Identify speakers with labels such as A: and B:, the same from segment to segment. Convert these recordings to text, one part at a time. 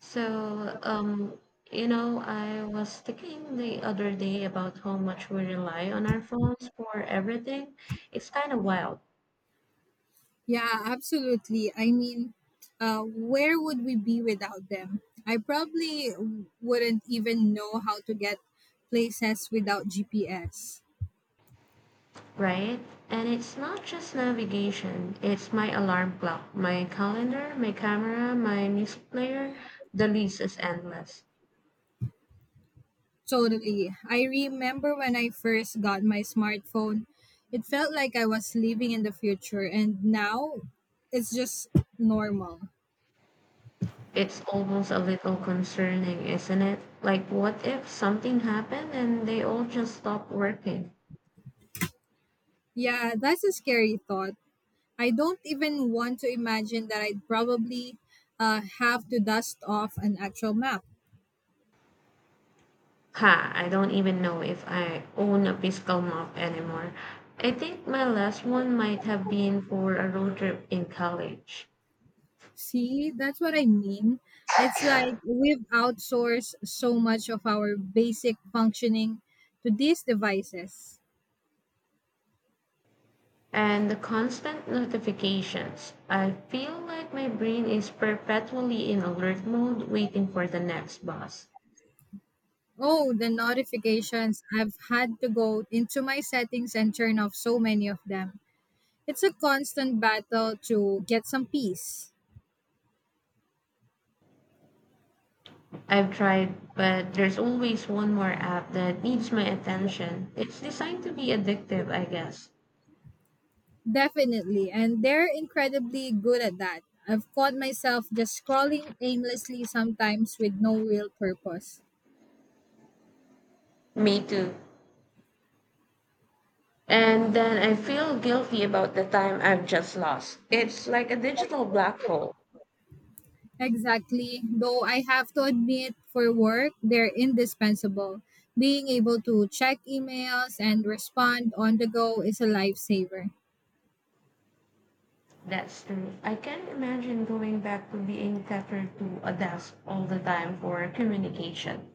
A: So, um, I was thinking the other day about how much we rely on our phones for everything. It's kind of wild,
B: Yeah, absolutely. I mean, where would we be without them? I probably wouldn't even know how to get places without GPS.
A: right? And it's not just navigation, it's my alarm clock, my calendar, my camera, my music player. The list is endless.
B: Totally. I remember when I first got my smartphone, it felt like I was living in the future, and now it's just normal.
A: It's almost a little concerning, isn't it? Like, what if something happened and they all just stopped working?
B: Yeah, that's a scary thought. I don't even want to imagine that I'd probably have to dust off an actual map.
A: Ha, I don't even know if I own a physical map anymore. I think my last one might have been for a road trip in college.
B: See, that's what I mean. It's like we've outsourced so much of our basic functioning to these devices.
A: And the constant notifications. I feel like my brain is perpetually in alert mode waiting for the next bus.
B: Oh, the notifications. I've had to go into my settings and turn off so many of them. It's a constant battle to get some peace.
A: I've tried, but there's always one more app that needs my attention. It's designed to be addictive, I guess.
B: Definitely. And they're incredibly good at that. I've caught myself just scrolling aimlessly sometimes with no real purpose.
A: Me too. And then I feel guilty about the time I've just lost. It's like a digital black hole.
B: Exactly. Though I have to admit, for work, they're indispensable. Being able to check emails and respond on the go is a lifesaver.
A: That's true. I can't imagine going back to being tethered to a desk all the time for communication.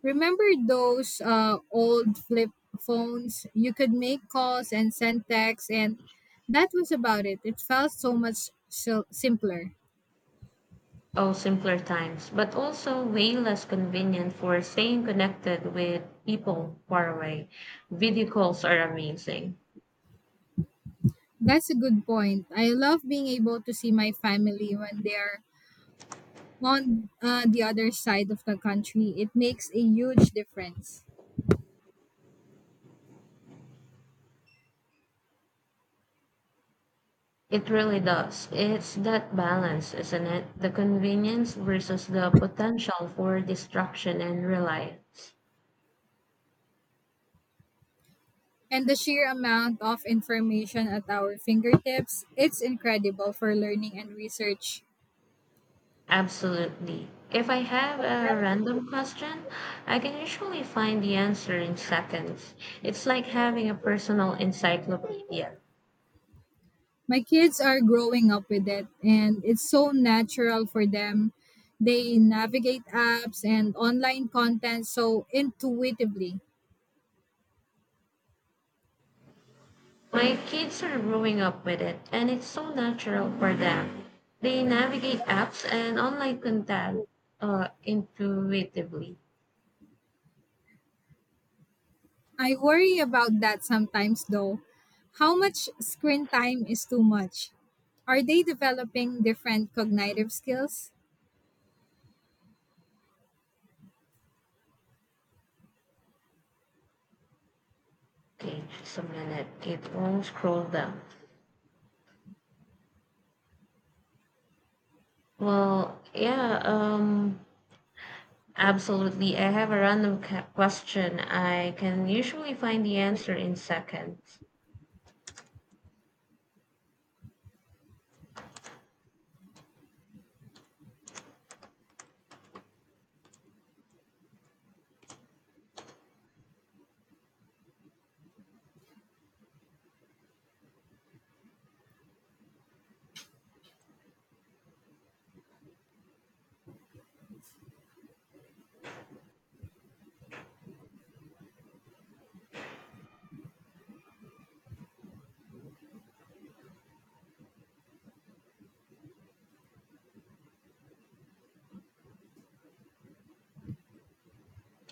B: Remember those old flip phones? You could make calls and send texts, and that was about it. It felt so much simpler.
A: Oh, simpler times, but also way less convenient for staying connected with people far away. Video calls are amazing.
B: That's a good point. I love being able to see my family when they're on the other side of the country. It makes a huge difference.
A: It really does. It's that balance, isn't it? The convenience versus the potential for distraction and reliance.
B: And the sheer amount of information at our fingertips, it's incredible for learning and research.
A: Absolutely. If I have a random question, I can usually find the answer in seconds. It's like having a personal encyclopedia.
B: My kids are growing up with it, and it's so natural for them. They navigate apps and online content so intuitively.
A: My kids are growing up with it, and it's so natural for them. They navigate apps and online content intuitively.
B: I worry about that sometimes, though. How much screen time is too much? Are they developing different cognitive skills?
A: Okay, just a minute. It won't scroll down. Well, yeah, um, Absolutely. I have a random question. I can usually find the answer in seconds.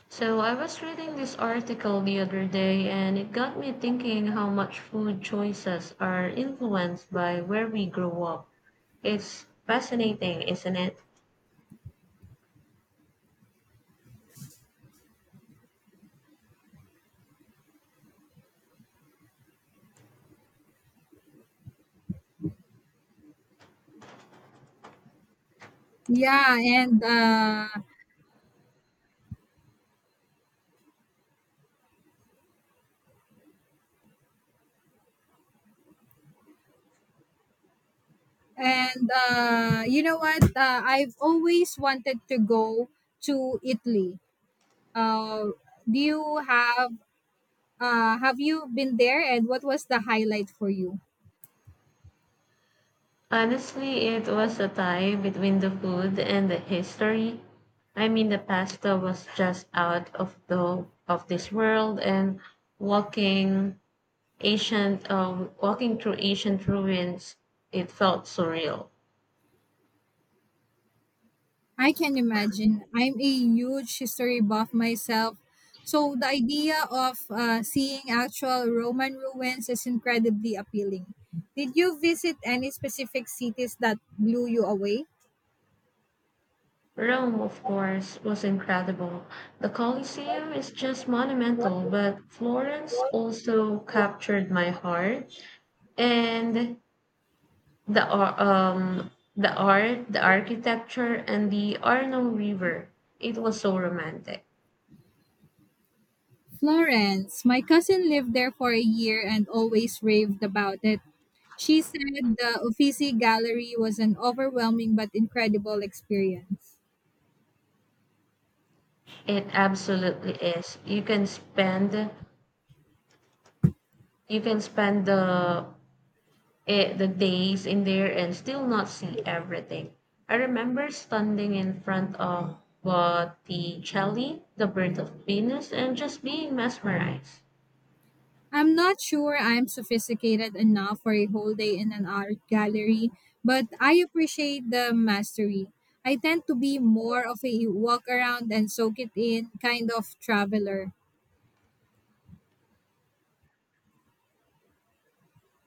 A: So, I was reading this article the other day and it got me thinking how much food choices are influenced by where we grow up. It's fascinating, isn't it?
B: Yeah, and you know what? I've always wanted to go to Italy. Uh, do you have Have you been there? And what was the highlight for you?
A: Honestly, it was a tie between the food and the history. I mean, the pasta was just out of the of this world, and walking walking through ancient ruins, it felt surreal.
B: I can imagine. I'm a huge history buff myself. So the idea of seeing actual Roman ruins is incredibly appealing. Did you visit any specific cities that blew you away?
A: Rome, of course, was incredible. The Colosseum is just monumental, but Florence also captured my heart. And the ar- um the art, the architecture, and the Arno river, it was so romantic.
B: Florence. My cousin lived there for a year and always raved about it. She said the Uffizi Gallery was an overwhelming but incredible experience.
A: It absolutely is. You can spend the days in there and still not see everything. I remember standing in front of Botticelli, the Birth of Venus, and just being mesmerized.
B: I'm not sure I'm sophisticated enough for a whole day in an art gallery, but I appreciate the mastery. I tend to be more of a walk around and soak it in kind of traveler.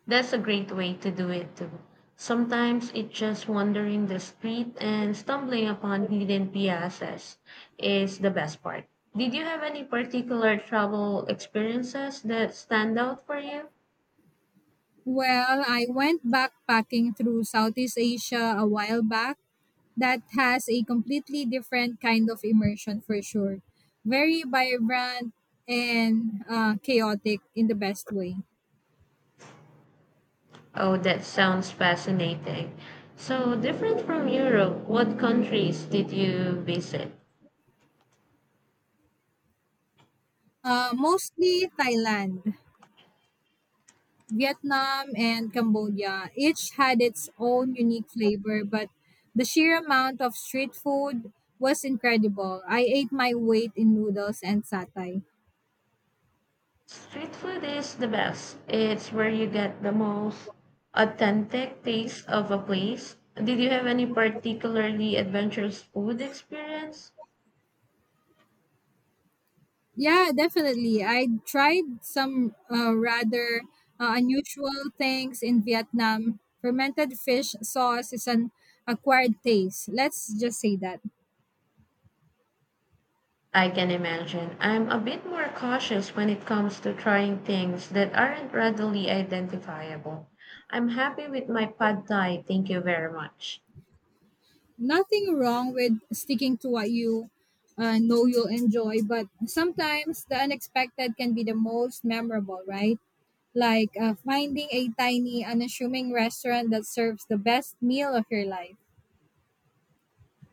A: That's a great way to do it too. Sometimes it's just wandering the street and stumbling upon hidden piazzas is the best part. Did you have any particular travel experiences that stand out for you?
B: Well, I went backpacking through Southeast Asia a while back that has a completely different kind of immersion for sure. Very vibrant and chaotic in the best way.
A: Oh, that sounds fascinating. So, different from Europe, what countries did you visit?
B: Mostly Thailand, Vietnam, and Cambodia. Each had its own unique flavor, but the sheer amount of street food was incredible. I ate my weight in noodles and satay.
A: Street food is the best. It's where you get the most authentic taste of a place. Did you have any particularly adventurous food experience?
B: Yeah, definitely. I tried some rather unusual things in Vietnam. Fermented fish sauce is an acquired taste. Let's just say that.
A: I can imagine. I'm a bit more cautious when it comes to trying things that aren't readily identifiable. I'm happy with my pad thai. Thank you very much.
B: Nothing wrong with sticking to what you know you'll enjoy, but sometimes the unexpected can be the most memorable, right? Like finding a tiny, unassuming restaurant that serves the best meal of your life.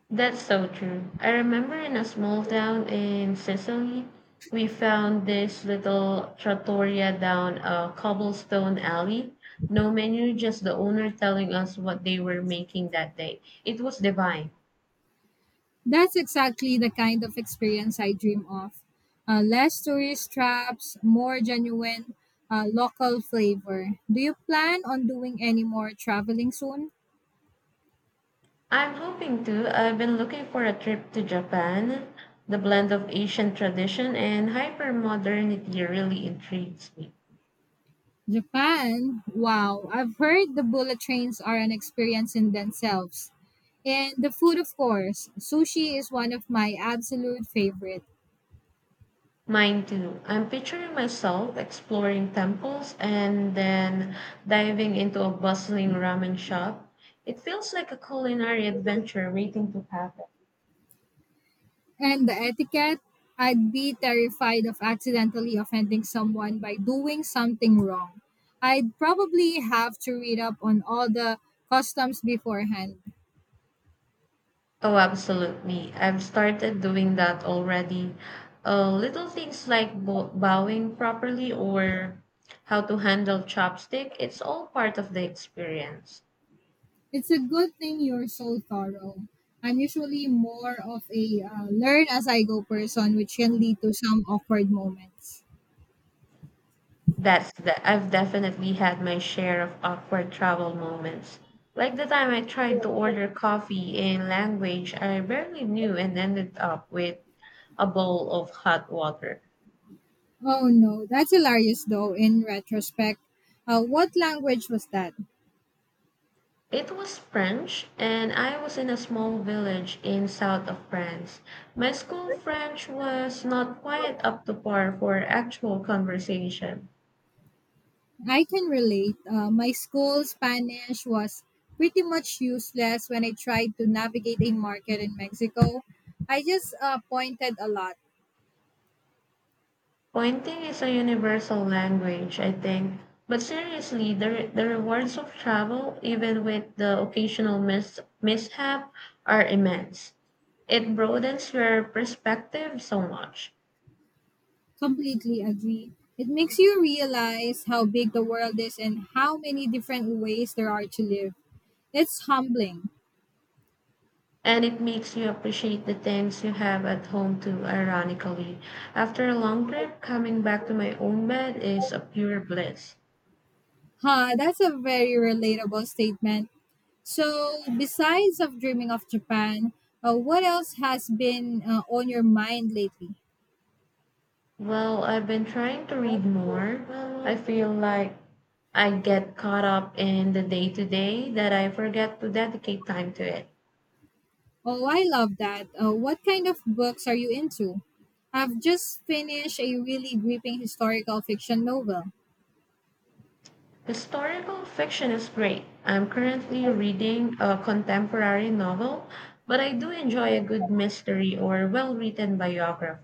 A: That's so true. I remember in a small town in Sicily, we found this little trattoria down a cobblestone alley. No menu, just the owner telling us what they were making that day. It was divine.
B: That's exactly the kind of experience I dream of. Less tourist traps, more genuine local flavor. Do you plan on doing any more traveling soon?
A: I'm hoping to. I've been looking for a trip to Japan. The blend of Asian tradition and hyper modernity really intrigues me.
B: Japan? Wow, I've heard the bullet trains are an experience in themselves. And the food, of course. Sushi is one of my absolute favorite.
A: Mine too. I'm picturing myself exploring temples and then diving into a bustling ramen shop. It feels like a culinary adventure waiting to happen.
B: And the etiquette, I'd be terrified of accidentally offending someone by doing something wrong. I'd probably have to read up on all the customs beforehand.
A: Oh, absolutely. I've started doing that already. Little things like bowing properly or how to handle chopstick, it's all part of the experience.
B: It's a good thing you're so thorough. I'm usually more of a learn as I go person, which can lead to some awkward moments.
A: I've definitely had my share of awkward travel moments. Like the time I tried to order coffee in language I barely knew and ended up with a bowl of hot water.
B: Oh no, that's hilarious though, in retrospect. What language was that?
A: It was French, and I was in a small village in south of France. My school French was not quite up to par for actual conversation.
B: I can relate. My school Spanish was pretty much useless when I tried to navigate a market in Mexico. I just pointed a lot.
A: Pointing is a universal language, I think. But seriously, the rewards of travel, even with the occasional mishap, are immense. It broadens your perspective so much.
B: Completely agree. It makes you realize how big the world is and how many different ways there are to live. It's humbling.
A: And it makes you appreciate the things you have at home too, ironically. After a long trip, coming back to my own bed is a pure bliss.
B: Huh, that's a very relatable statement. So, besides of dreaming of Japan, what else has been on your mind lately?
A: Well, I've been trying to read more. I feel like I get caught up in the day to day that I forget to dedicate time to it.
B: Oh, I love that. What kind of books are you into? I've just finished a really gripping historical fiction novel.
A: Historical fiction is great. I'm currently reading a contemporary novel, but I do enjoy a good mystery or well written biography.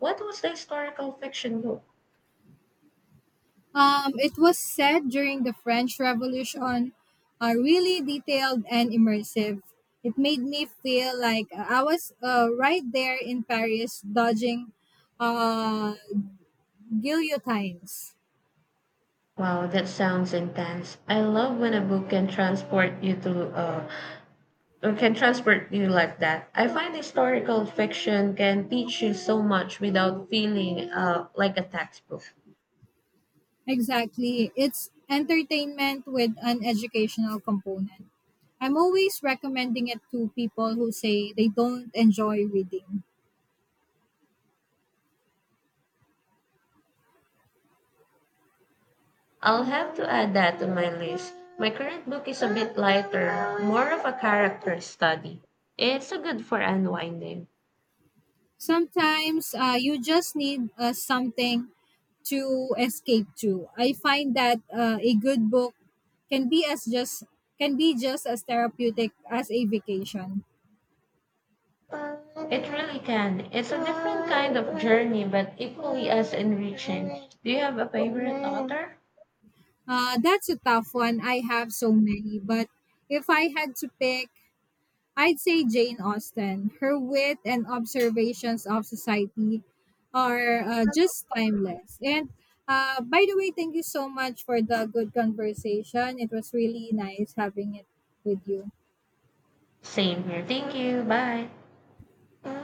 A: What was the historical fiction book?
B: It was set during the French Revolution, really detailed and immersive. It made me feel like I was right there in Paris dodging uh, guillotines.
A: Wow, that sounds intense. I love when a book can transport you to can transport you like that. I find historical fiction can teach you so much without feeling like a textbook.
B: Exactly. It's entertainment with an educational component. I'm always recommending it to people who say they don't enjoy reading.
A: I'll have to add that to my list. My current book is a bit lighter, more of a character study. It's a good for unwinding.
B: Sometimes you just need something to escape to. I find that a good book can be as just can be just as therapeutic as a vacation.
A: It really can. It's a different kind of journey, but equally as enriching. Do you have a favorite author?
B: That's a tough one. I have so many, but if I had to pick, I'd say Jane Austen. Her wit and observations of society are just timeless. And by the way, thank you so much for the good conversation. It was really nice having it with you.
A: Same here. Thank you. Bye.